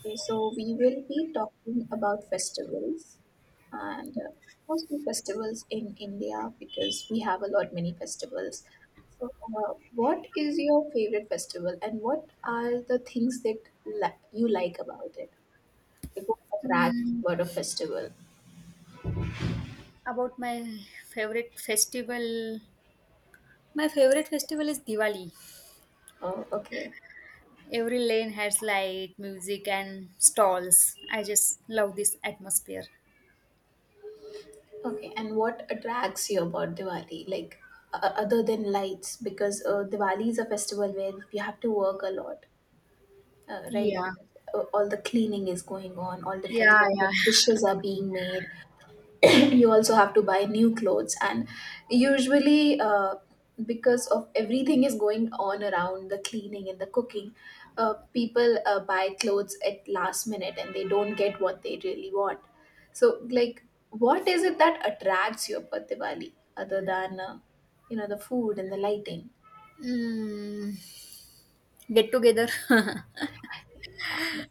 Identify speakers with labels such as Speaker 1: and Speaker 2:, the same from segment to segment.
Speaker 1: Okay, so we will be talking about festivals and mostly festivals in India because we have a lot many festivals. So, what is your favorite festival and what are the things that you like about it? Like what attracts you about a festival?
Speaker 2: About my favorite festival My favorite festival is Diwali.
Speaker 1: Oh, okay.
Speaker 2: Every lane has light, music and stalls. I just love this atmosphere.
Speaker 1: Okay, and what attracts you about Diwali? Like other than lights, because Diwali is a festival where you have to work a lot. Right,
Speaker 2: Yeah.
Speaker 1: because all the cleaning is going on, all different
Speaker 2: Yeah,
Speaker 1: kinds of
Speaker 2: yeah.
Speaker 1: dishes are being made. You also have to buy new clothes, and usually, because of everything is going on around the cleaning and the cooking, people buy clothes at last minute and they don't get what they really want. So, like, what is it that attracts you about Diwali other than the food and the lighting?
Speaker 2: mm, get together.
Speaker 1: That,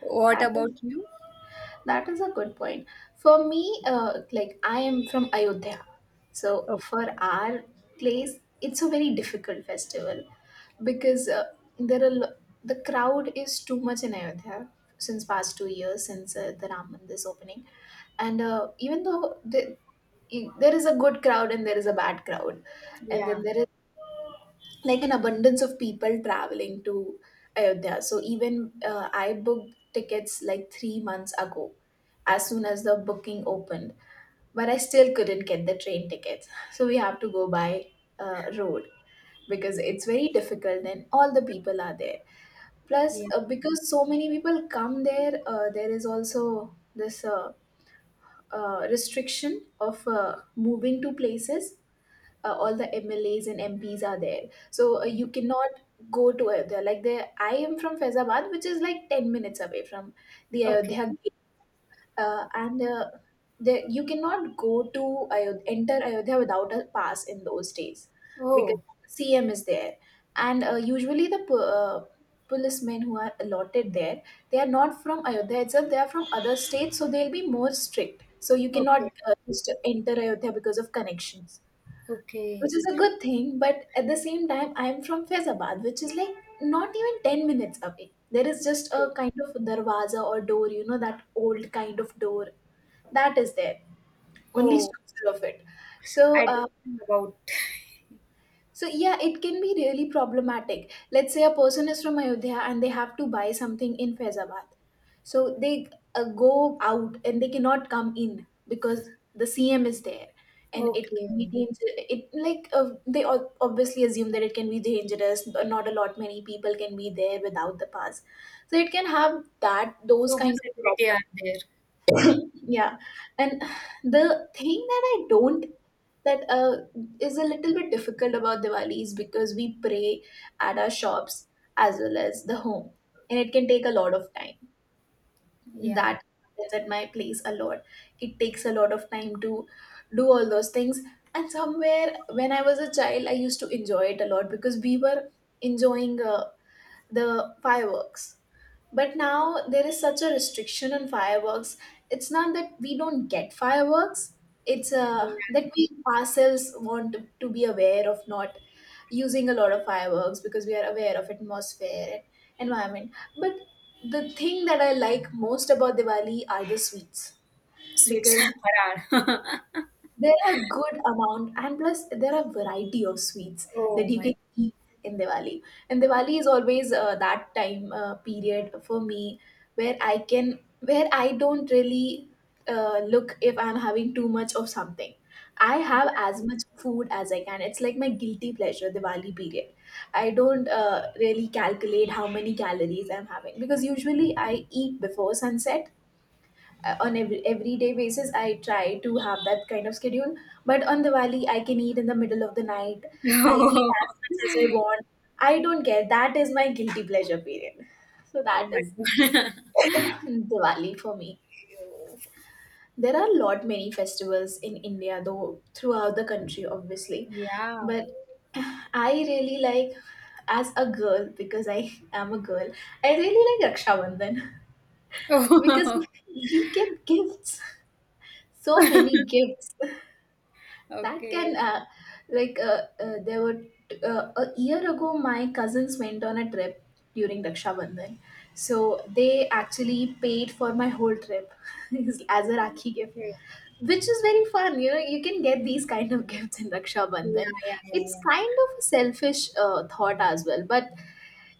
Speaker 2: What
Speaker 1: that is
Speaker 2: about you?
Speaker 1: That is a good point. For me, like I am from Ayodhya. So
Speaker 2: Oh.
Speaker 1: for our place, it's a very difficult festival because there are lo- the crowd is too much in Ayodhya since past 2 years since the Ram Mandir's opening, and there is a good crowd and there is a bad crowd, and then
Speaker 2: Yeah,
Speaker 1: there like an abundance of people traveling to Ayodhya. So even I booked tickets like 3 months ago, as soon as the booking opened, but I still couldn't get the train tickets. So we have to go by road because it's very difficult and all the people are there. Plus,
Speaker 2: yeah.
Speaker 1: because so many people come there, there is also this restriction of moving to places all the MLAs and MPs are there. So you cannot go to Ayodhya. Like there, I am from Faizabad, which is like 10 minutes away from the Ayodhya
Speaker 2: Okay.
Speaker 1: gate, and there you cannot go to Ayodhya, enter Ayodhya without a pass in those days, because
Speaker 2: Oh.
Speaker 1: CM is there, and usually policemen who are allotted there, they are not from Ayodhya itself. They are from other states, so they'll be more strict. So you cannot
Speaker 2: Okay.
Speaker 1: just enter Ayodhya because of connections,
Speaker 2: Okay.
Speaker 1: which is a good thing. But at the same time, I'm from Faizabad, which is like not even 10 minutes away. There is just a
Speaker 2: Okay.
Speaker 1: kind of darwaza or door, you know, that old kind of door that is there, only
Speaker 2: Oh.
Speaker 1: structure of it. So
Speaker 2: I
Speaker 1: uh,
Speaker 2: didn't know about.
Speaker 1: so yeah, it can be really problematic. Let's say a person is from Ayodhya and they have to buy something in Faizabad. So they go out and they cannot come in because the CM is there, and it
Speaker 2: Okay.
Speaker 1: can be dangerous. It like They obviously assume that it can be dangerous. But not a lot many people can be there without the pass, so it can have that those
Speaker 2: So much
Speaker 1: kind of
Speaker 2: activity are
Speaker 1: problems.
Speaker 2: there.
Speaker 1: Yeah, and the thing that I don't that is a little bit difficult about Diwali is because we pray at our shops as well as the home, and it can take a lot of time.
Speaker 2: Yeah.
Speaker 1: That happens at my place a lot. It takes a lot of time to do all those things. And somewhere when I was a child, I used to enjoy it a lot because we were enjoying the fireworks, but now there is such a restriction on fireworks. It's not that we don't get fireworks, it's that
Speaker 2: Yeah.
Speaker 1: we ourselves want to be aware of not using a lot of fireworks because we are aware of atmosphere and environment. But the thing that I like most about Diwali are the sweets
Speaker 2: Sweets.
Speaker 1: because
Speaker 2: Farar.
Speaker 1: there are good amount and plus there are variety of sweets that
Speaker 2: Oh
Speaker 1: you
Speaker 2: my.
Speaker 1: can eat in Diwali. And Diwali is always that time period for me where I don't really look if I'm having too much of something. I have as much food as I can. It's like my guilty pleasure Diwali period. I don't really calculate how many calories I'm having because usually I eat before sunset on everyday basis. I try to have that kind of schedule, but on Diwali I can eat in the middle of the night. I eat as much as I want. I don't care. That is my guilty pleasure period. So
Speaker 2: Oh,
Speaker 1: that
Speaker 2: my
Speaker 1: is Diwali for me.
Speaker 2: God.
Speaker 1: There are a lot many festivals in India though, throughout the country, obviously,
Speaker 2: Yeah.
Speaker 1: but I really like, as a girl, because I am a girl, I really like Raksha Bandhan because
Speaker 2: Oh.
Speaker 1: we get gifts, so many gifts that
Speaker 2: Okay.
Speaker 1: can a year ago my cousins went on a trip during Raksha Bandhan, so they actually paid for my whole trip as a rakhi gift,
Speaker 2: Okay.
Speaker 1: which is very fun. You know, you can get these kind of gifts in Raksha
Speaker 2: Yeah,
Speaker 1: Bandhan.
Speaker 2: yeah, yeah,
Speaker 1: It's
Speaker 2: yeah.
Speaker 1: kind of a selfish thought as well, but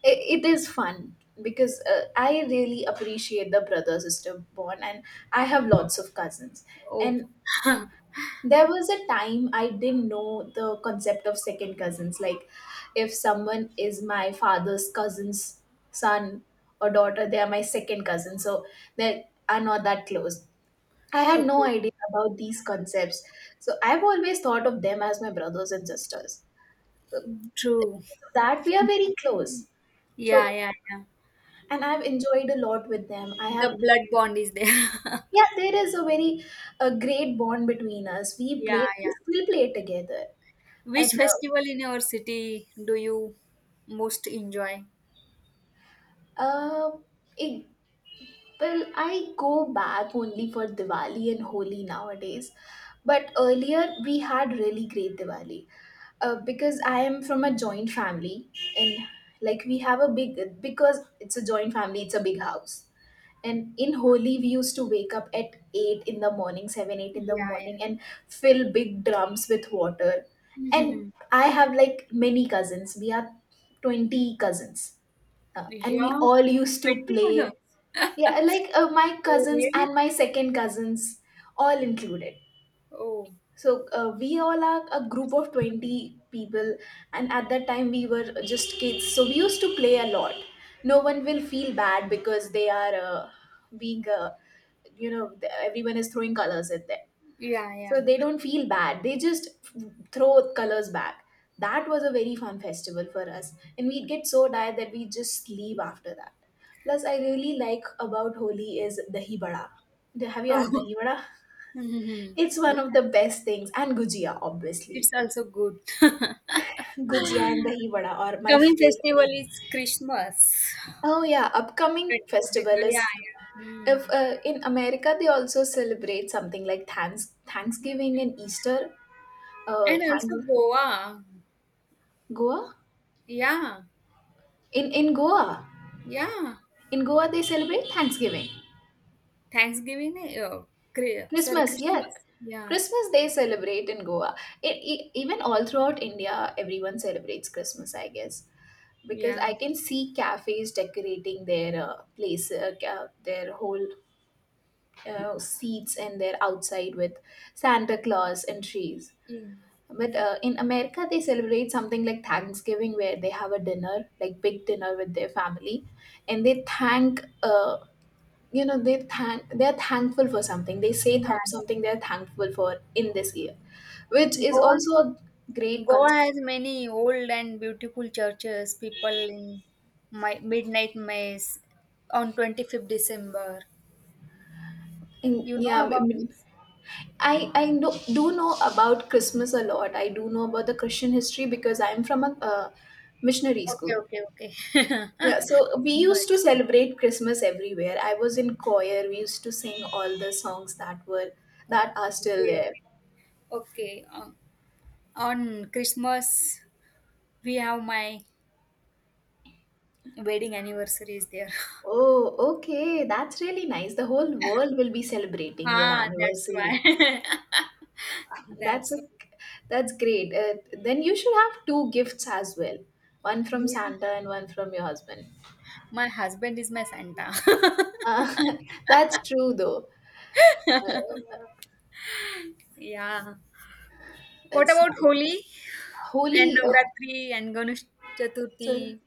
Speaker 1: it is fun because I really appreciate the brother sister bond and I have lots of cousins,
Speaker 2: Oh.
Speaker 1: and there was a time I didn't know the concept of second cousins. Like, if someone is my father's cousin's son or daughter, they are my second cousin. So they are not that close. I had no
Speaker 2: Okay.
Speaker 1: idea about these concepts. So I've always thought of them as my brothers and sisters. So
Speaker 2: True.
Speaker 1: that we are very close.
Speaker 2: Yeah,
Speaker 1: So,
Speaker 2: yeah, yeah.
Speaker 1: and I've enjoyed a lot with them.
Speaker 2: The blood bond is there.
Speaker 1: Yeah, there is a very a great bond between us. We
Speaker 2: Yeah,
Speaker 1: play, we
Speaker 2: yeah.
Speaker 1: still play together. And
Speaker 2: Which
Speaker 1: uh,
Speaker 2: festival in your city do you most enjoy?
Speaker 1: Uh, it, well, I go back only for Diwali and Holi nowadays. But earlier we had really great Diwali because I am from a joint family, and like we have a big, because it's a joint family, it's a big house. And in Holi, we used to wake up at 8 in the morning, 7, 8 in the
Speaker 2: Yeah,
Speaker 1: morning, and fill big drums with water.
Speaker 2: yeah.
Speaker 1: And I have like many cousins. We are 20 cousins and we
Speaker 2: Yeah.
Speaker 1: all used to play,
Speaker 2: Pentecostals.
Speaker 1: yeah, like my
Speaker 2: Oh,
Speaker 1: cousins
Speaker 2: really?
Speaker 1: and my second cousins all included.
Speaker 2: Oh.
Speaker 1: So we all are a group of 20 people, and at that time we were just kids, so we used to play a lot. No one will feel bad because they are being everyone is throwing colors at them,
Speaker 2: Yeah, yeah.
Speaker 1: so they don't feel bad. They just throw colors back. That was a very fun festival for us. And we'd get so tired that we just sleep after that. Plus, I really like about Holi is dahi bada. Have you had
Speaker 2: Oh,
Speaker 1: dahi bada? It's
Speaker 2: yeah.
Speaker 1: one of the best things. And gujia,
Speaker 2: It's
Speaker 1: obviously.
Speaker 2: also good.
Speaker 1: Gujia and dahi vada are my
Speaker 2: Coming festival
Speaker 1: favorite.
Speaker 2: is Christmas.
Speaker 1: Oh yeah, upcoming
Speaker 2: 25th
Speaker 1: festival
Speaker 2: Christmas,
Speaker 1: is,
Speaker 2: yeah, yeah.
Speaker 1: if
Speaker 2: Hmm.
Speaker 1: in America they also celebrate something like Thanksgiving and Easter.
Speaker 2: And
Speaker 1: Thanks
Speaker 2: also Goa.
Speaker 1: Goa.
Speaker 2: Yeah,
Speaker 1: In Goa,
Speaker 2: yeah.
Speaker 1: in Goa they celebrate Thanksgiving,
Speaker 2: Thanksgiving, oh, sorry,
Speaker 1: Christmas. Yeah,
Speaker 2: Christmas. Yeah,
Speaker 1: Christmas they celebrate in Goa. It, even all throughout India, everyone celebrates Christmas, I guess, because
Speaker 2: yeah.
Speaker 1: I can see cafes decorating their place, their whole seats and their outside with Santa Claus and trees.
Speaker 2: Yeah,
Speaker 1: But in America, they celebrate something like Thanksgiving, where they have a dinner, like big dinner with their family, and they thank
Speaker 2: yeah.
Speaker 1: something they're thankful for in this year, which
Speaker 2: Yeah.
Speaker 1: is
Speaker 2: Goa.
Speaker 1: also a great
Speaker 2: Goa
Speaker 1: concept.
Speaker 2: has many old and beautiful churches. People in my midnight mass on 25th December.
Speaker 1: And
Speaker 2: You
Speaker 1: yeah,
Speaker 2: know
Speaker 1: I
Speaker 2: about
Speaker 1: mean,
Speaker 2: this?
Speaker 1: I know, do know about Christmas a lot. I do know about the Christian history because I'm from a missionary
Speaker 2: Okay,
Speaker 1: school.
Speaker 2: okay, okay.
Speaker 1: Yeah, so we
Speaker 2: No,
Speaker 1: used to celebrate Christmas everywhere. I was in choir. We used to sing all the songs that are still
Speaker 2: okay,
Speaker 1: there.
Speaker 2: okay. Okay. On Christmas, we have my wedding anniversary is there.
Speaker 1: Oh, okay, that's really nice, the whole world will be celebrating your
Speaker 2: Ah, that's
Speaker 1: anniversary.
Speaker 2: why.
Speaker 1: That's a
Speaker 2: That's.
Speaker 1: that's great. Then you should have two gifts as well, one from Santa
Speaker 2: Yeah.
Speaker 1: and one from your husband.
Speaker 2: My husband is my Santa.
Speaker 1: Uh, that's true though. Uh,
Speaker 2: Yeah. What
Speaker 1: it's
Speaker 2: about
Speaker 1: nice.
Speaker 2: Holi and
Speaker 1: Holy. Oh,
Speaker 2: Navratri and Ganesh
Speaker 1: so
Speaker 2: Chaturthi?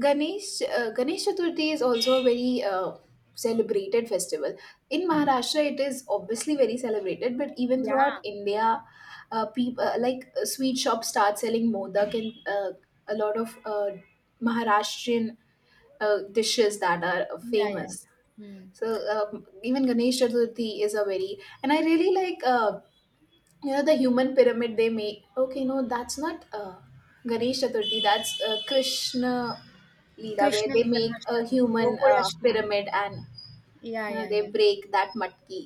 Speaker 1: Ganesh Ganesh Chaturthi is also a very celebrated festival. In Maharashtra, it is obviously very celebrated, but even throughout
Speaker 2: Yeah.
Speaker 1: India, people like sweet shops start selling modak and a lot of Maharashtrian dishes that are
Speaker 2: Yeah, yeah.
Speaker 1: famous.
Speaker 2: Hmm.
Speaker 1: Even Ganesh Chaturthi is a very and I really like you know the human pyramid they make. Okay, no, that's not Ganesh Chaturthi, that's Krishna Leela, where
Speaker 2: Krishna
Speaker 1: they make a
Speaker 2: Janmashtami,
Speaker 1: human
Speaker 2: Gokulashtami.
Speaker 1: pyramid and
Speaker 2: Yeah,
Speaker 1: you know
Speaker 2: yeah,
Speaker 1: they
Speaker 2: yeah.
Speaker 1: break that matki,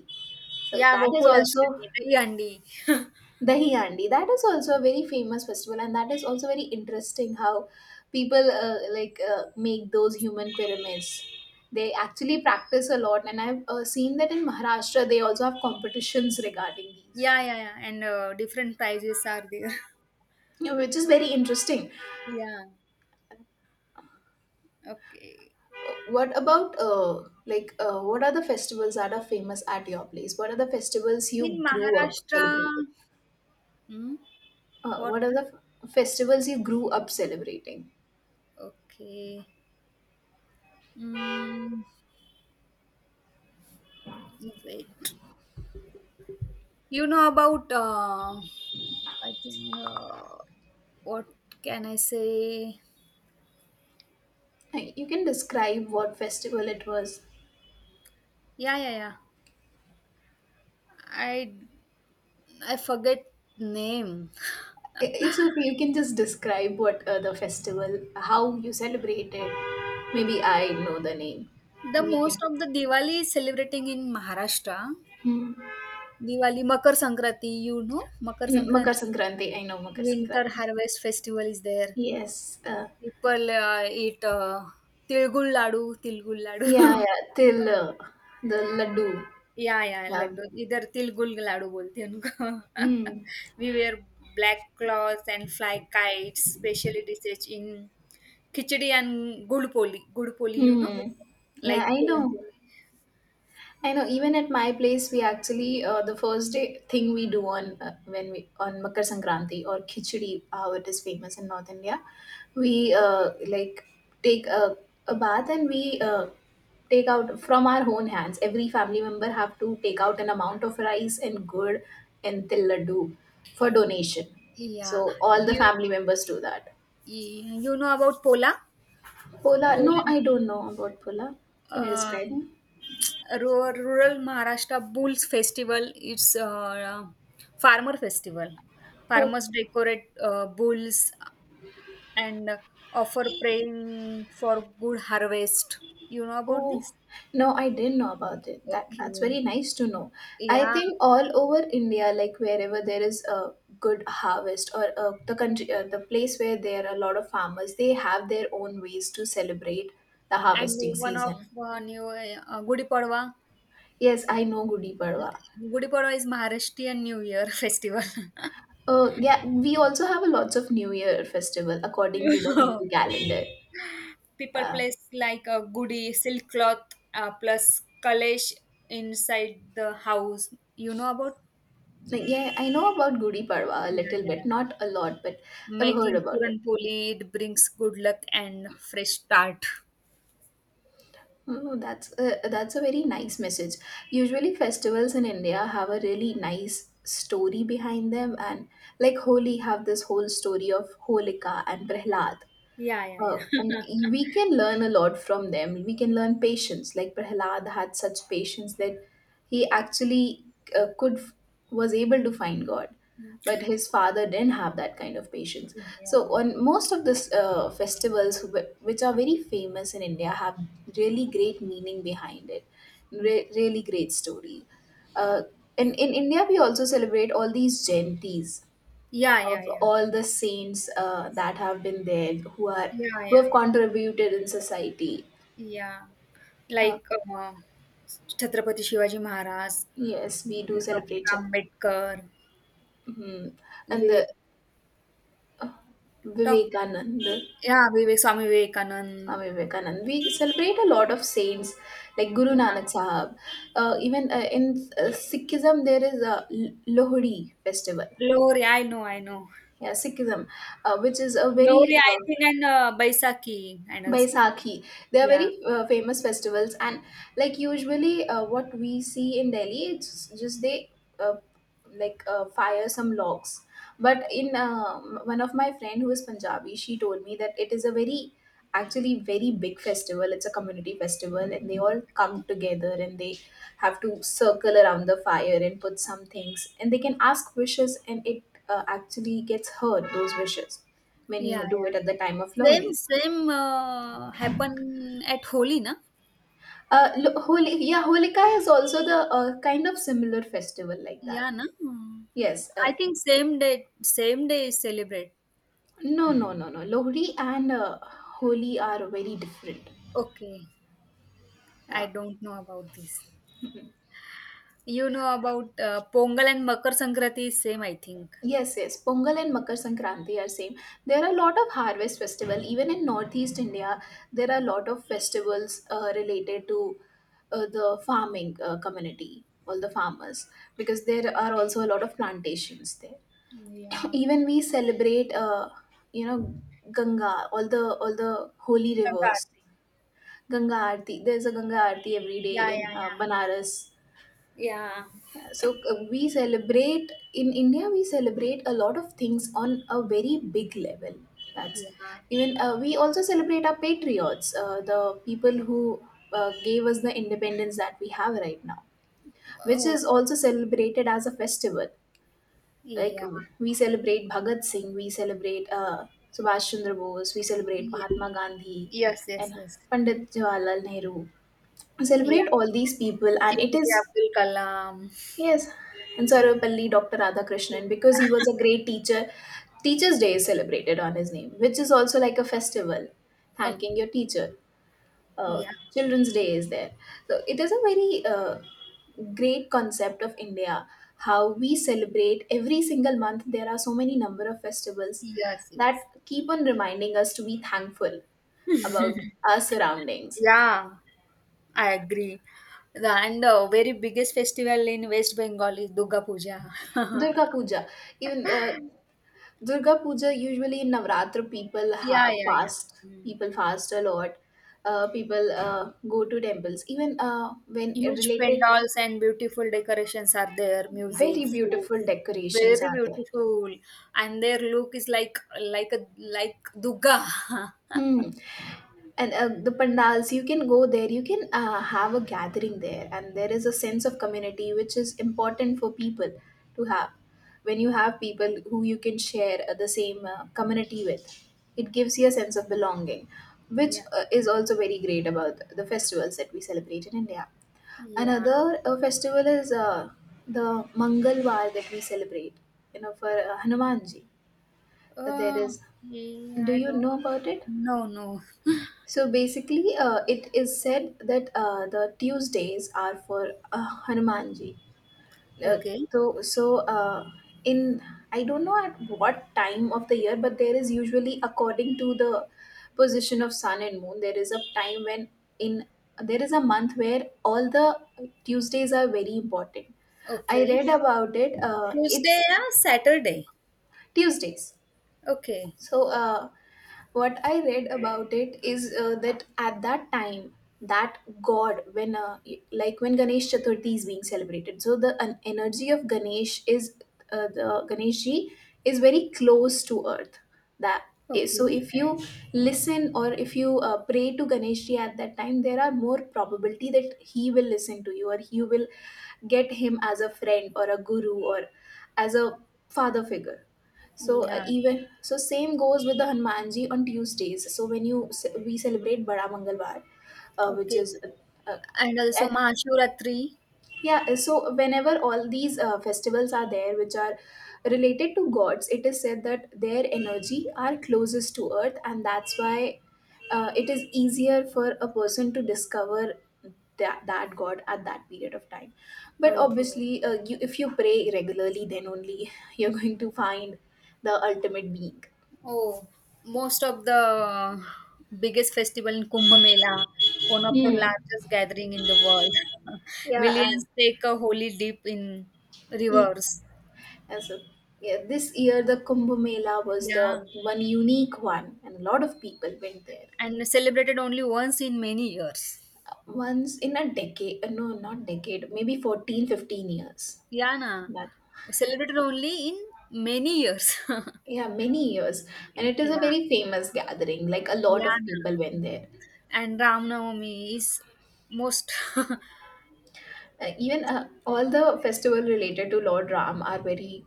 Speaker 1: so
Speaker 2: Yeah,
Speaker 1: that is also
Speaker 2: Gokulashtami, Dahyandi.
Speaker 1: dahi handi. That is also a very famous festival, and that is also very interesting how people make those human pyramids. They actually practice a lot, and I've seen that in Maharashtra they also have competitions regarding these,
Speaker 2: Yeah, yeah, yeah. And different prizes are there.
Speaker 1: you know, which is very interesting.
Speaker 2: Yeah. Okay.
Speaker 1: What about what are the festivals that are famous at your place? What are the festivals
Speaker 2: In
Speaker 1: you grew up
Speaker 2: Maharashtra,
Speaker 1: celebrating?
Speaker 2: hmm, what
Speaker 1: What are
Speaker 2: one?
Speaker 1: the festivals you grew up celebrating?
Speaker 2: Okay. Mm, wait. You know about, I think, what can I say?
Speaker 1: You can describe what festival it was.
Speaker 2: Yeah, yeah, yeah. I I forget name.
Speaker 1: It's okay. You can just describe what the festival, how you celebrated. Maybe I know the name.
Speaker 2: The
Speaker 1: We
Speaker 2: most
Speaker 1: can.
Speaker 2: of the Diwali is celebrating in Maharashtra.
Speaker 1: Hmm.
Speaker 2: Diwali, Makar Sankranti, you know, Makar
Speaker 1: Mm, Makar
Speaker 2: Sankranti,
Speaker 1: Sankranti. I know Makar
Speaker 2: winter
Speaker 1: Sankranti.
Speaker 2: harvest festival is there.
Speaker 1: Yes.
Speaker 2: People, eat, tilgul laddu, tilgul laddu.
Speaker 1: Yeah, yeah. Till the laddu.
Speaker 2: Yeah, yeah,
Speaker 1: Yeah.
Speaker 2: laddu. इधर तिलगुल लाडू बोलते हैं उनको.
Speaker 1: Mm.
Speaker 2: We wear black cloth and fly kites, specially dishes in khichdi and gud poli. Gud poli,
Speaker 1: Hmm. Yeah,
Speaker 2: like
Speaker 1: I
Speaker 2: puran.
Speaker 1: know. I know. Even at my place, we actually the first day thing we do on when we on Makar Sankranti or Khichdi, how it is famous in North India, we like take a bath and we take out from our own hands. Every family member have to take out an amount of rice and gourd and til laddu for donation. So
Speaker 2: Yeah,
Speaker 1: all the
Speaker 2: you
Speaker 1: family members do that.
Speaker 2: you know about pola?
Speaker 1: Pola?
Speaker 2: Pola.
Speaker 1: No, I don't know about pola. Can you
Speaker 2: um,
Speaker 1: describe me?
Speaker 2: rural Maharashtra Bulls Festival. It's a farmer festival. Farmers decorate bulls and offer praying for good harvest. You know about
Speaker 1: Oh,
Speaker 2: this?
Speaker 1: no, I didn't know about it. That's very
Speaker 2: Okay.
Speaker 1: nice to know. I
Speaker 2: Yeah.
Speaker 1: think all over India, like wherever there is a good harvest or the place where there are a lot of farmers, they have their own ways to celebrate the
Speaker 2: And
Speaker 1: harvesting
Speaker 2: one of
Speaker 1: season.
Speaker 2: new Gudi Padwa.
Speaker 1: Yes, I know Gudi Padwa.
Speaker 2: Gudi Padwa is Maharashtrian New Year festival.
Speaker 1: Yeah, we also have a lots of New Year festival according to the Hindu calendar.
Speaker 2: People
Speaker 1: Yeah,
Speaker 2: place like a goody silk cloth plus kalesh inside the house. You know about.
Speaker 1: like, yeah, I know about Gudi Padwa a
Speaker 2: Yeah,
Speaker 1: little bit,
Speaker 2: yeah.
Speaker 1: not a lot, but I've heard
Speaker 2: Making
Speaker 1: about
Speaker 2: puran
Speaker 1: it.
Speaker 2: poli, it brings good luck and fresh start.
Speaker 1: That's a very nice message. Usually, festivals in India have a really nice story behind them, and like Holi have this whole story of Holika and Prahlad.
Speaker 2: Yeah, yeah, yeah.
Speaker 1: And we can learn a lot from them. We can learn patience. Like Prahlad had such patience that he actually could was able to find God, but his father didn't have that kind of patience. So
Speaker 2: yeah,
Speaker 1: on most of these festivals, which are very famous in India, have really great meaning behind it. Really great story. Uh, in India, we also celebrate all these jayantis
Speaker 2: yeah,
Speaker 1: of
Speaker 2: yeah, yeah,
Speaker 1: all the saints that have been there, who are
Speaker 2: yeah,
Speaker 1: who
Speaker 2: yeah,
Speaker 1: have
Speaker 2: yeah,
Speaker 1: contributed in society.
Speaker 2: yeah,
Speaker 1: Uh,
Speaker 2: like Chhatrapati Shivaji Maharaj.
Speaker 1: yes, we do celebrate
Speaker 2: doctor Ambedkar.
Speaker 1: Mhm. And
Speaker 2: वे
Speaker 1: the
Speaker 2: doctor
Speaker 1: Vivekananda.
Speaker 2: या Vivek Swami Vivekananda.
Speaker 1: Swami Vivekananda. We celebrate a lot of saints like Guru
Speaker 2: या
Speaker 1: Nanak Sahab. Even in Sikhism, there is a Lohri festival.
Speaker 2: Glory I know I know.
Speaker 1: Yeah, Sikhism, which is a very
Speaker 2: Lohri, I
Speaker 1: uh,
Speaker 2: think, and Baisakhi and also, no?
Speaker 1: Baisakhi. They are
Speaker 2: Yeah.
Speaker 1: very famous festivals, and like usually, what we see in Delhi, it's just they uh, fire some logs. But one of my friend who is Punjabi, she told me that it is a very actually very big festival. It's a community festival, and they all come together and they have to circle around the fire and put some things, and they can ask wishes, and it actually gets heard those wishes when you
Speaker 2: Yeah,
Speaker 1: do
Speaker 2: yeah.
Speaker 1: it at the time of
Speaker 2: Same,
Speaker 1: Lohri.
Speaker 2: same happen at Holi, na?
Speaker 1: Holi, yeah, Holika is also the kind of similar festival like that.
Speaker 2: Yeah, na? Hmm.
Speaker 1: Yes.
Speaker 2: I think same day is celebrate.
Speaker 1: No, no, no, no. Lohri and Holi are very different.
Speaker 2: Okay. I
Speaker 1: Yeah.
Speaker 2: don't know about this. You know about Pongal and Makar Sankranti is same, I think.
Speaker 1: Yes, yes. Pongal and Makar Sankranti are same. There are a lot of harvest festival. Even in Northeast India, there are a lot of festivals related to the farming community, all the farmers, because there are also a lot of plantations there.
Speaker 2: Yeah.
Speaker 1: Even we celebrate you know ganga, all the holy
Speaker 2: Ganga
Speaker 1: rivers.
Speaker 2: Aarti.
Speaker 1: Ganga aarti. There's a Ganga aarti every day
Speaker 2: Yeah, yeah,
Speaker 1: in
Speaker 2: yeah.
Speaker 1: Banaras.
Speaker 2: Yeah.
Speaker 1: We celebrate in India we celebrate a lot of things on a very big level. That's
Speaker 2: Yeah.
Speaker 1: even we also celebrate our patriots, the people who gave us the independence that we have right now, which
Speaker 2: Oh,
Speaker 1: is also celebrated as a festival, like
Speaker 2: yeah.
Speaker 1: we celebrate Bhagat Singh, we celebrate Subhash Chandra Bose, we celebrate
Speaker 2: Yeah.
Speaker 1: Mahatma Gandhi
Speaker 2: Yes, yes,
Speaker 1: and
Speaker 2: yes.
Speaker 1: Pandit Jawaharlal Nehru. We celebrate
Speaker 2: Yeah.
Speaker 1: all these people, and it
Speaker 2: APJ
Speaker 1: is
Speaker 2: Abdul Kalam.
Speaker 1: yes, and Sarvapalli Dr.
Speaker 2: Yeah.
Speaker 1: Radhakrishnan, because he was a great teacher. Teachers' Day is celebrated on his name, which is also like a festival,
Speaker 2: Oh,
Speaker 1: thanking your teacher. Uh,
Speaker 2: yeah.
Speaker 1: Children's Day is there. So it is a very great concept of India, how we celebrate every single month. There are so many number of festivals
Speaker 2: Yes,
Speaker 1: that
Speaker 2: yes.
Speaker 1: keep on reminding us to be thankful about our surroundings.
Speaker 2: Yeah, I agree. And the very biggest festival in West Bengal is Durga Puja.
Speaker 1: Durga Puja, even Durga Puja, usually in Navratra people
Speaker 2: Yeah, yeah, yeah.
Speaker 1: fast.
Speaker 2: Mm.
Speaker 1: People fast a lot. Uh, people go to temples, even when
Speaker 2: Huge
Speaker 1: related,
Speaker 2: pandals and beautiful decorations are there,
Speaker 1: very
Speaker 2: music, food.
Speaker 1: beautiful decorations
Speaker 2: Very
Speaker 1: are there.
Speaker 2: beautiful. And their look is like a like Durga.
Speaker 1: Hmm. And the pandals, you can go there, you can have a gathering there, and there is a sense of community which is important for people to have. When you have people who you can share the same community with, it gives you a sense of belonging, which
Speaker 2: Yeah.
Speaker 1: is also very great about the festivals that we celebrate in India.
Speaker 2: Yeah.
Speaker 1: Another festival is the Mangalwar that we celebrate, you know, for Hanumanji. There
Speaker 2: Uh,
Speaker 1: is,
Speaker 2: yeah,
Speaker 1: do
Speaker 2: I
Speaker 1: you
Speaker 2: don't.
Speaker 1: know about it?
Speaker 2: No, no.
Speaker 1: So basically, it is said that the Tuesdays are for Hanumanji. Uh,
Speaker 2: Okay.
Speaker 1: so, so in I don't know at what time of the year, but there is usually according to the position of sun and moon. There is a time when in there is a month where all the Tuesdays are very important. I
Speaker 2: Okay.
Speaker 1: read about it. It's
Speaker 2: Tuesday or Saturday.
Speaker 1: Tuesdays.
Speaker 2: Okay.
Speaker 1: So, what I read about it is that at that time, that god, when Ganesh Chaturthi is being celebrated, so the an energy of Ganesh is the Ganesh ji is very close to earth. That is, so
Speaker 2: Okay.
Speaker 1: if you listen or if you pray to Ganesh ji at that time, there are more probability that he will listen to you or you will get him as a friend or a guru or as a father figure.
Speaker 2: Yeah.
Speaker 1: Even so, same goes with the Hanumanji on Tuesdays. So when you we celebrate Bada Mangalwar, uh, which
Speaker 2: Okay.
Speaker 1: is uh, uh,
Speaker 2: And
Speaker 1: at,
Speaker 2: also Mahashivratri.
Speaker 1: yeah. So whenever all these festivals are there, which are related to gods, it is said that their energy are closest to earth, and that's why it is easier for a person to discover that, that god at that period of time. But
Speaker 2: Okay.
Speaker 1: obviously, if you pray regularly, then only you're going to find the ultimate being.
Speaker 2: Oh, most of the biggest festival in Kumbh Mela, one of the
Speaker 1: Hmm.
Speaker 2: largest gathering in the world.
Speaker 1: Yeah, and
Speaker 2: Millions take a holy dip in
Speaker 1: e-
Speaker 2: rivers.
Speaker 1: as a, yeah, this year the Kumbh Mela was the
Speaker 2: Yeah.
Speaker 1: one unique one, and a lot of people went there.
Speaker 2: And celebrated only once in many years.
Speaker 1: Once in a decade, no, not decade, maybe 14, 15 years.
Speaker 2: Yeah, na.
Speaker 1: That,
Speaker 2: Celebrated only in many years.
Speaker 1: yeah, many years. And it is a
Speaker 2: Yeah.
Speaker 1: very famous gathering, like a lot
Speaker 2: Yeah,
Speaker 1: of people
Speaker 2: na.
Speaker 1: went there.
Speaker 2: And Ram Navami is most.
Speaker 1: Even all the festival related to Lord Ram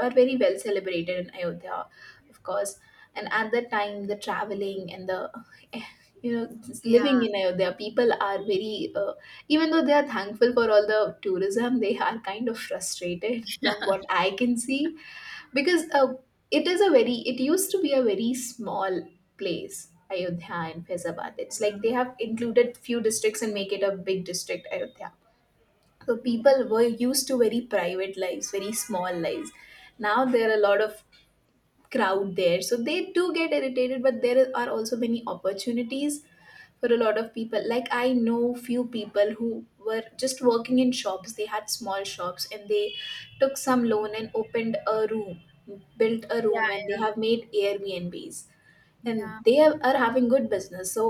Speaker 1: are very well celebrated in Ayodhya, of course. And at that time, the traveling and the you know just
Speaker 2: Yeah,
Speaker 1: living in Ayodhya, people are very even though they are thankful for all the tourism, they are kind of frustrated from what I can see, because uh, it used to be a very small place, Ayodhya and Faizabad. It's like they have included few districts and make it a big district Ayodhya. So
Speaker 2: yeah,
Speaker 1: people were used to very private lives, very small lives. Now there are a lot of crowd there, so they do get irritated, but there are also many opportunities for a lot of people. Like I know few people who were just working in shops, they had small shops, and they took some loan and opened a room, built a
Speaker 2: yeah.
Speaker 1: room, and they
Speaker 2: Yeah,
Speaker 1: have made Airbnbs, and
Speaker 2: yeah.
Speaker 1: they are having good business. So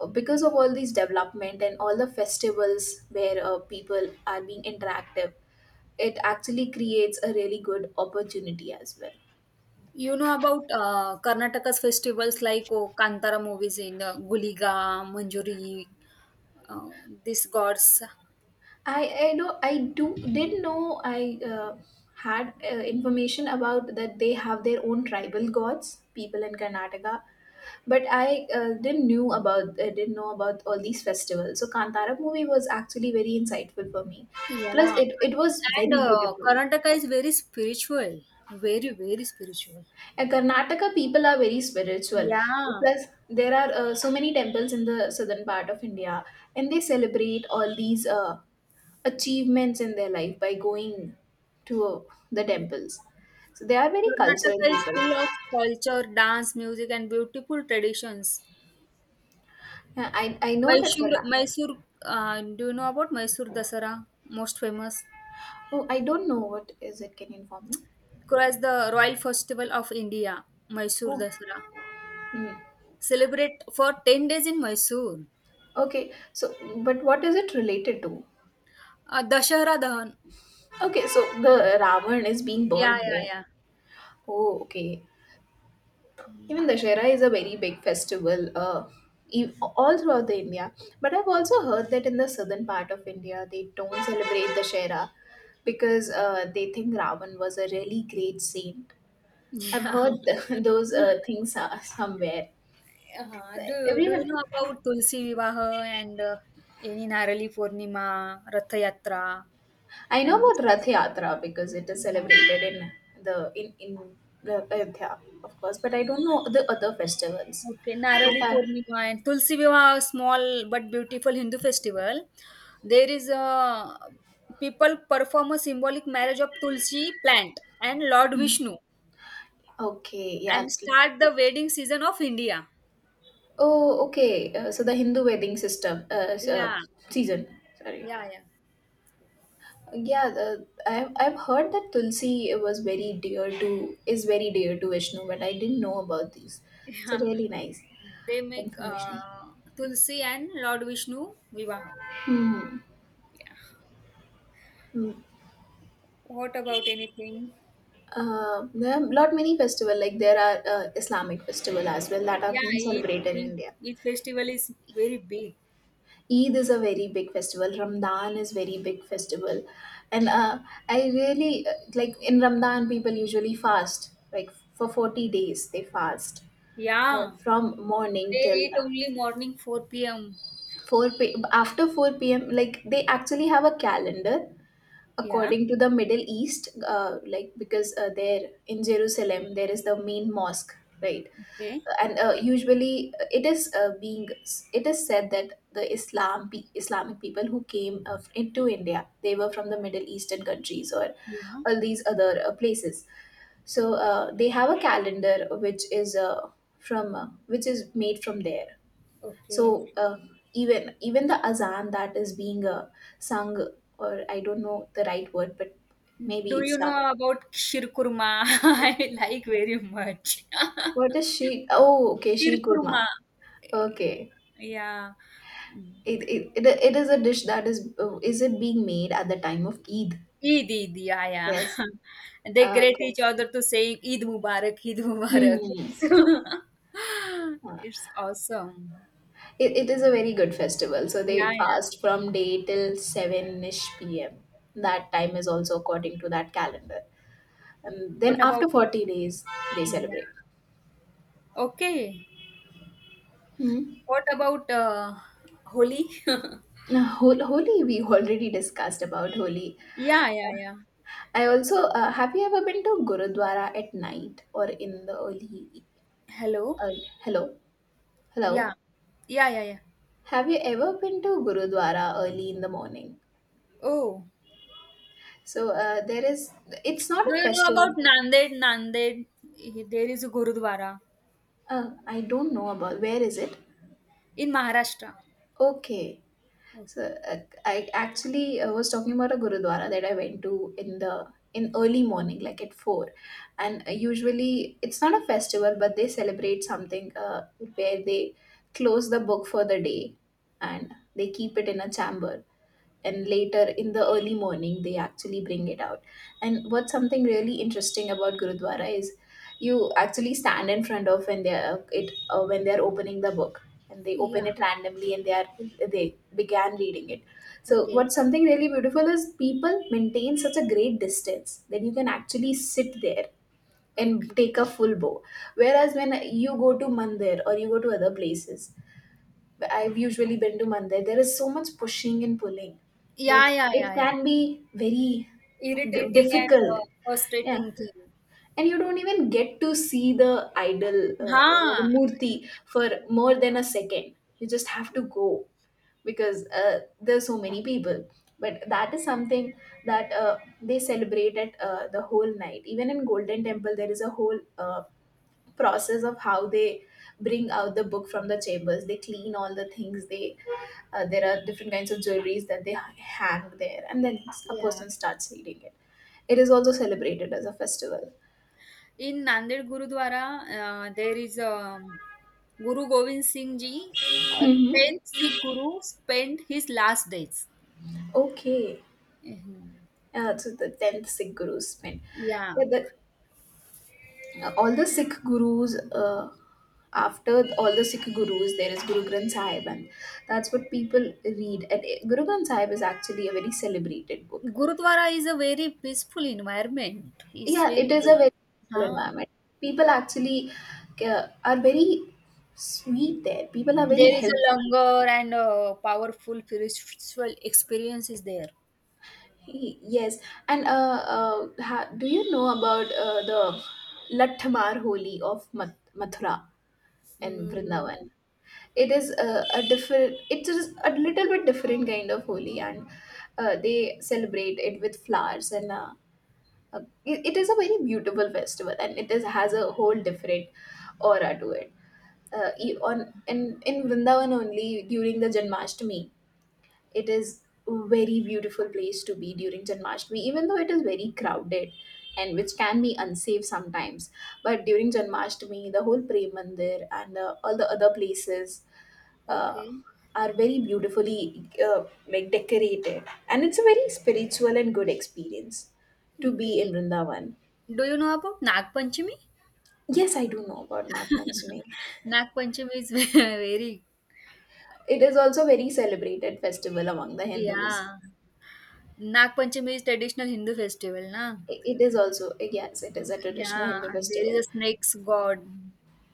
Speaker 1: because of all these development and all the festivals where people are being interactive, it actually creates a really good opportunity as well.
Speaker 2: You know about Karnataka's festivals like oh, Kantara movies in Guliga, Manjuri, uh, these gods.
Speaker 1: i I know I do did know I uh, Had information about that they have their own tribal gods, people in Karnataka, but I didn't knew about I didn't know about all these festivals. So Kantara movie was actually very insightful for me. Plus,
Speaker 2: Yeah,
Speaker 1: it was
Speaker 2: and
Speaker 1: very beautiful.
Speaker 2: Karnataka is very spiritual, very very spiritual.
Speaker 1: And Karnataka people are very spiritual.
Speaker 2: Yeah,
Speaker 1: Plus, there are so many temples in the southern part of India, and they celebrate all these achievements in their life by going to the temples. So they are very cultural
Speaker 2: Karnataka is
Speaker 1: people.
Speaker 2: full of culture, dance, music, and beautiful traditions.
Speaker 1: Uh, I I know that
Speaker 2: Mysore,
Speaker 1: Karna.
Speaker 2: Mysore, do you know about Mysore Dasara? Most famous.
Speaker 1: Oh, I don't know what is it. Can you inform me?
Speaker 2: As the Royal Festival of India, Mysore
Speaker 1: Oh,
Speaker 2: Dasara.
Speaker 1: hmm.
Speaker 2: Celebrate for 10 days in Mysore.
Speaker 1: Okay. So, but what is it related to?
Speaker 2: Dashara Dahan.
Speaker 1: Okay, so the Ravan is being
Speaker 2: Yeah,
Speaker 1: burned
Speaker 2: yeah,
Speaker 1: there.
Speaker 2: yeah.
Speaker 1: Oh, okay. Even Dashera is a very big festival all throughout the India. But I've also heard that in the southern part of India, they don't celebrate Dashera because they think Ravan was a really great saint. I've heard those things somewhere.
Speaker 2: Yeah. Do you
Speaker 1: Everyone,
Speaker 2: know about Tulsi Vivaha and any Narali Purnima, Rath Yatra,
Speaker 1: I know
Speaker 2: and this?
Speaker 1: about Rath Yatra because it is
Speaker 2: Yeah.
Speaker 1: celebrated in the Ayodhya, of course. But I don't know the other festivals.
Speaker 2: Okay, Narali
Speaker 1: But I,
Speaker 2: Purnima and Tulsi Vivaha, small but beautiful Hindu festival. There is a people perform a symbolic marriage of Tulsi plant and Lord Vishnu
Speaker 1: okay, yeah.
Speaker 2: and start the wedding season of India.
Speaker 1: Oh, okay. So the Hindu wedding system,
Speaker 2: Yeah,
Speaker 1: season. Sorry.
Speaker 2: yeah, yeah,
Speaker 1: Yeah, I've heard that Tulsi was very dear to is very dear to Vishnu, but I didn't know about these. It's a
Speaker 2: yeah.
Speaker 1: really nice
Speaker 2: They make
Speaker 1: information.
Speaker 2: Tulsi and Lord Vishnu Vivaha.
Speaker 1: Mm.
Speaker 2: What about anything?
Speaker 1: There are lot many festival like there are Islamic festival as well that are
Speaker 2: Yeah,
Speaker 1: being
Speaker 2: Eid,
Speaker 1: celebrated in
Speaker 2: Eid,
Speaker 1: India.
Speaker 2: Eid festival is very big.
Speaker 1: Eid is a very big festival. Ramadan is very big festival, and I really like in Ramadan people usually fast like for 40 days they fast
Speaker 2: Yeah,
Speaker 1: from morning
Speaker 2: they
Speaker 1: till
Speaker 2: eat only morning 4 p.m.
Speaker 1: four p after 4 p.m. Like they actually have a calendar
Speaker 2: Yeah.
Speaker 1: according to the Middle East, like because there in Jerusalem there is the main mosque, right?
Speaker 2: Okay.
Speaker 1: And usually it is said that the Islamic people who came into India, they were from the Middle Eastern countries or
Speaker 2: Yeah.
Speaker 1: all these other places. So they have a calendar which is from which is made from there.
Speaker 2: Okay.
Speaker 1: So uh, even the azan that is being sung, or I don't know the right word, but maybe
Speaker 2: Do
Speaker 1: it's
Speaker 2: you
Speaker 1: sung.
Speaker 2: know about Shirkurma? I like very much.
Speaker 1: What is she? Oh, okay, sheer kurma.
Speaker 2: Shirkurma.
Speaker 1: Okay.
Speaker 2: Yeah.
Speaker 1: It is a dish that is it being made at the time of Eid?
Speaker 2: Eid, Eid. Yeah, yeah.
Speaker 1: Yes.
Speaker 2: They greet
Speaker 1: Okay.
Speaker 2: each other to saying Eid Mubarak, Eid Mubarak.
Speaker 1: Hmm. Uh,
Speaker 2: It's awesome.
Speaker 1: it is a very good festival. So
Speaker 2: Yeah,
Speaker 1: they
Speaker 2: yeah.
Speaker 1: fast from day till 7-ish p.m. That time is also according to that calendar. And then
Speaker 2: What
Speaker 1: after
Speaker 2: about,
Speaker 1: 40 days, they celebrate.
Speaker 2: yeah. Okay.
Speaker 1: Hmm.
Speaker 2: What about Holi?
Speaker 1: Now, Holi, we already discussed about Holi.
Speaker 2: Yeah, yeah, yeah.
Speaker 1: Have you ever been to Gurudwara at night or in the early,
Speaker 2: Hello?
Speaker 1: early hello?
Speaker 2: Yeah.
Speaker 1: Hello?
Speaker 2: Yeah, yeah, yeah.
Speaker 1: Have you ever been to Gurudwara early in the morning?
Speaker 2: Oh.
Speaker 1: So it's not a
Speaker 2: Do you know
Speaker 1: festival.
Speaker 2: about Nanded? Nanded, there is a Gurudwara
Speaker 1: I don't know about where is it.
Speaker 2: in Maharashtra.
Speaker 1: Okay,
Speaker 2: o-
Speaker 1: so uh, I actually was talking about a Gurudwara that I went to in the in early morning, like at four, and usually it's not a festival, but they celebrate something where they close the book for the day and they keep it in a chamber, and later in the early morning they actually bring it out. And what's something really interesting about gurudwara is you actually stand in front of when they are it when they are opening the book, and they open
Speaker 2: Yeah.
Speaker 1: it randomly and they began reading it. So what's
Speaker 2: Okay.
Speaker 1: something really beautiful is people maintain such a great distance that you can actually sit there and
Speaker 2: Okay.
Speaker 1: take a full bow, whereas when you go to mandir or you go to other places — I've usually been to Mandir — there is so much pushing and pulling that
Speaker 2: Yeah, yeah,
Speaker 1: it
Speaker 2: yeah, yeah.
Speaker 1: can be very
Speaker 2: Irritating and
Speaker 1: difficult. Yeah,
Speaker 2: frustrating thing.
Speaker 1: and you don't even get to see the idol, the
Speaker 2: Huh.
Speaker 1: murti for more than a second. You just have to go because there's so many people. But that is something that they celebrate at the whole night. Even in Golden Temple, there is a whole process of how they bring out the book from the chambers. They clean all the things. They There are different kinds of jewelries that they hang there, and then a
Speaker 2: Yeah.
Speaker 1: person starts reading it. It is also celebrated as a festival.
Speaker 2: In Nanded Gurudwara, there is Guru Gobind Singh Ji, a
Speaker 1: Hmm.
Speaker 2: 10th Sikh Guru, spent his last days.
Speaker 1: Okay.
Speaker 2: Mhm.
Speaker 1: So the 10th Sikh guru's pin.
Speaker 2: Yeah.
Speaker 1: Yeah, all the Sikh gurus, uh, after all the Sikh gurus there is Guru Granth Sahib, and that's what people read. And Guru Granth Sahib is actually a very celebrated book.
Speaker 2: Gurudwara is a very peaceful environment. It's
Speaker 1: Yeah,
Speaker 2: very
Speaker 1: it is
Speaker 2: good.
Speaker 1: a very peaceful
Speaker 2: Huh.
Speaker 1: environment. People actually are very sweet there. People are very
Speaker 2: There is a
Speaker 1: helpful.
Speaker 2: longer and a powerful spiritual experience is there.
Speaker 1: Yes, and do you know about the Lathamar Holi of Mathura and
Speaker 2: Mm, no.
Speaker 1: Vrindavan? It is a different. It is a little bit different kind of Holi, and they celebrate it with flowers and. Uh, it is a very beautiful festival, and it is has a whole different aura to it e- on in in Vrindavan only during the Janmashtami. It is a very beautiful place to be during Janmashtami, even though it is very crowded and which can be unsafe sometimes. But during Janmashtami, the whole Prem Mandir and all the other places uh,
Speaker 2: Okay.
Speaker 1: are very beautifully like decorated, and it's a very spiritual and good experience to be in
Speaker 2: Okay.
Speaker 1: Vrindavan.
Speaker 2: Do you know about Nag Panchami?
Speaker 1: Yes, I do know about Nag Panchami.
Speaker 2: Nag Panchami is very
Speaker 1: It is also a very celebrated festival among the Hindus.
Speaker 2: yeah. Nag Panchami is traditional Hindu festival, na?
Speaker 1: It is also, yes, it is a traditional
Speaker 2: Yeah.
Speaker 1: Hindu
Speaker 2: There is
Speaker 1: festival.
Speaker 2: a snakes god.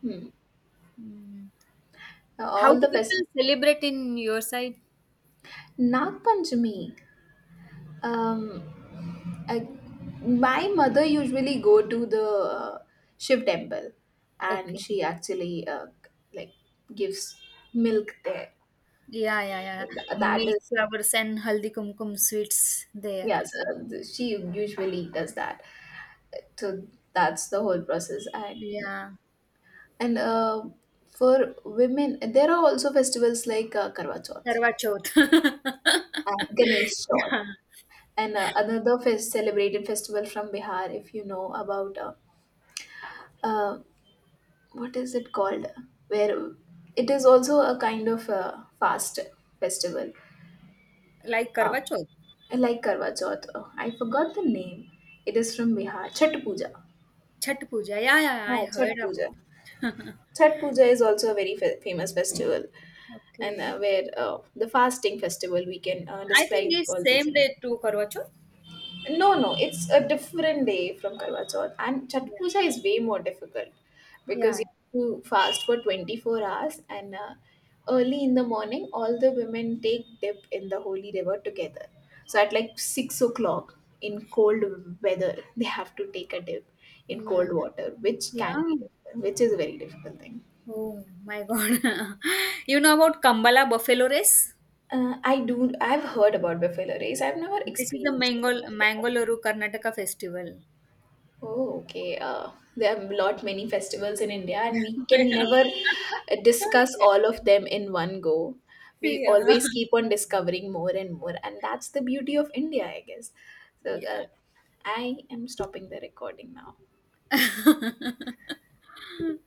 Speaker 1: Hmm.
Speaker 2: Mm. How do
Speaker 1: All the fest.
Speaker 2: people celebrate in your side?
Speaker 1: Nag Panchami. Um, I, my mother usually go to the Shiv temple, and
Speaker 2: Okay.
Speaker 1: she actually like gives milk there.
Speaker 2: Yeah, yeah,
Speaker 1: So
Speaker 2: yeah.
Speaker 1: that
Speaker 2: Milk
Speaker 1: is.
Speaker 2: flowers and haldi kumkum sweets they are.
Speaker 1: Yes, she usually does that. So that's the whole process. And
Speaker 2: Yeah.
Speaker 1: and uh, for women, there are also festivals like Karwa Chauth
Speaker 2: Karwa Chauth.
Speaker 1: and Ganesh Chauth.
Speaker 2: Yeah.
Speaker 1: And another fest celebrated festival from Bihar, if you know about uh, what is it called, where it is also a kind of fast festival,
Speaker 2: Like
Speaker 1: uh,
Speaker 2: Karwa Chauth.
Speaker 1: like Karwa Chauth. I forgot the name. It is from Bihar. Chhat Puja.
Speaker 2: Chhat Puja. Yeah, yeah, yeah. I
Speaker 1: Ah, Chhat
Speaker 2: heard about
Speaker 1: Puja.
Speaker 2: it.
Speaker 1: Chhat Puja is also a very famous festival, and
Speaker 2: Okay.
Speaker 1: where the fasting festival we can
Speaker 2: I think
Speaker 1: describe
Speaker 2: it's
Speaker 1: all these
Speaker 2: same
Speaker 1: in.
Speaker 2: day to Karwa Chauth.
Speaker 1: No, no, it's a different day from Karwa Chauth, and Chat
Speaker 2: Yeah.
Speaker 1: Puja is way more difficult because
Speaker 2: Yeah.
Speaker 1: you have to fast for 24 hours, and early in the morning, all the women take dip in the holy river together. So at like 6 o'clock in cold weather, they have to take a dip in
Speaker 2: Yeah.
Speaker 1: cold water, which can
Speaker 2: Yeah.
Speaker 1: be difficult, which is a very difficult thing.
Speaker 2: Oh my God. You know about Kambala Buffalo Race?
Speaker 1: I do. I've heard about buffalo race. I've never
Speaker 2: This is the
Speaker 1: experienced it.
Speaker 2: Mangal Mangalore Karnataka festival.
Speaker 1: Oh, okay. There are a lot many festivals in India, and we can never discuss all of them in one go. We
Speaker 2: Yeah.
Speaker 1: always keep on discovering more and more, and that's the beauty of India, I guess. So,
Speaker 2: Yeah.
Speaker 1: I am stopping the recording now.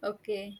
Speaker 2: Okay.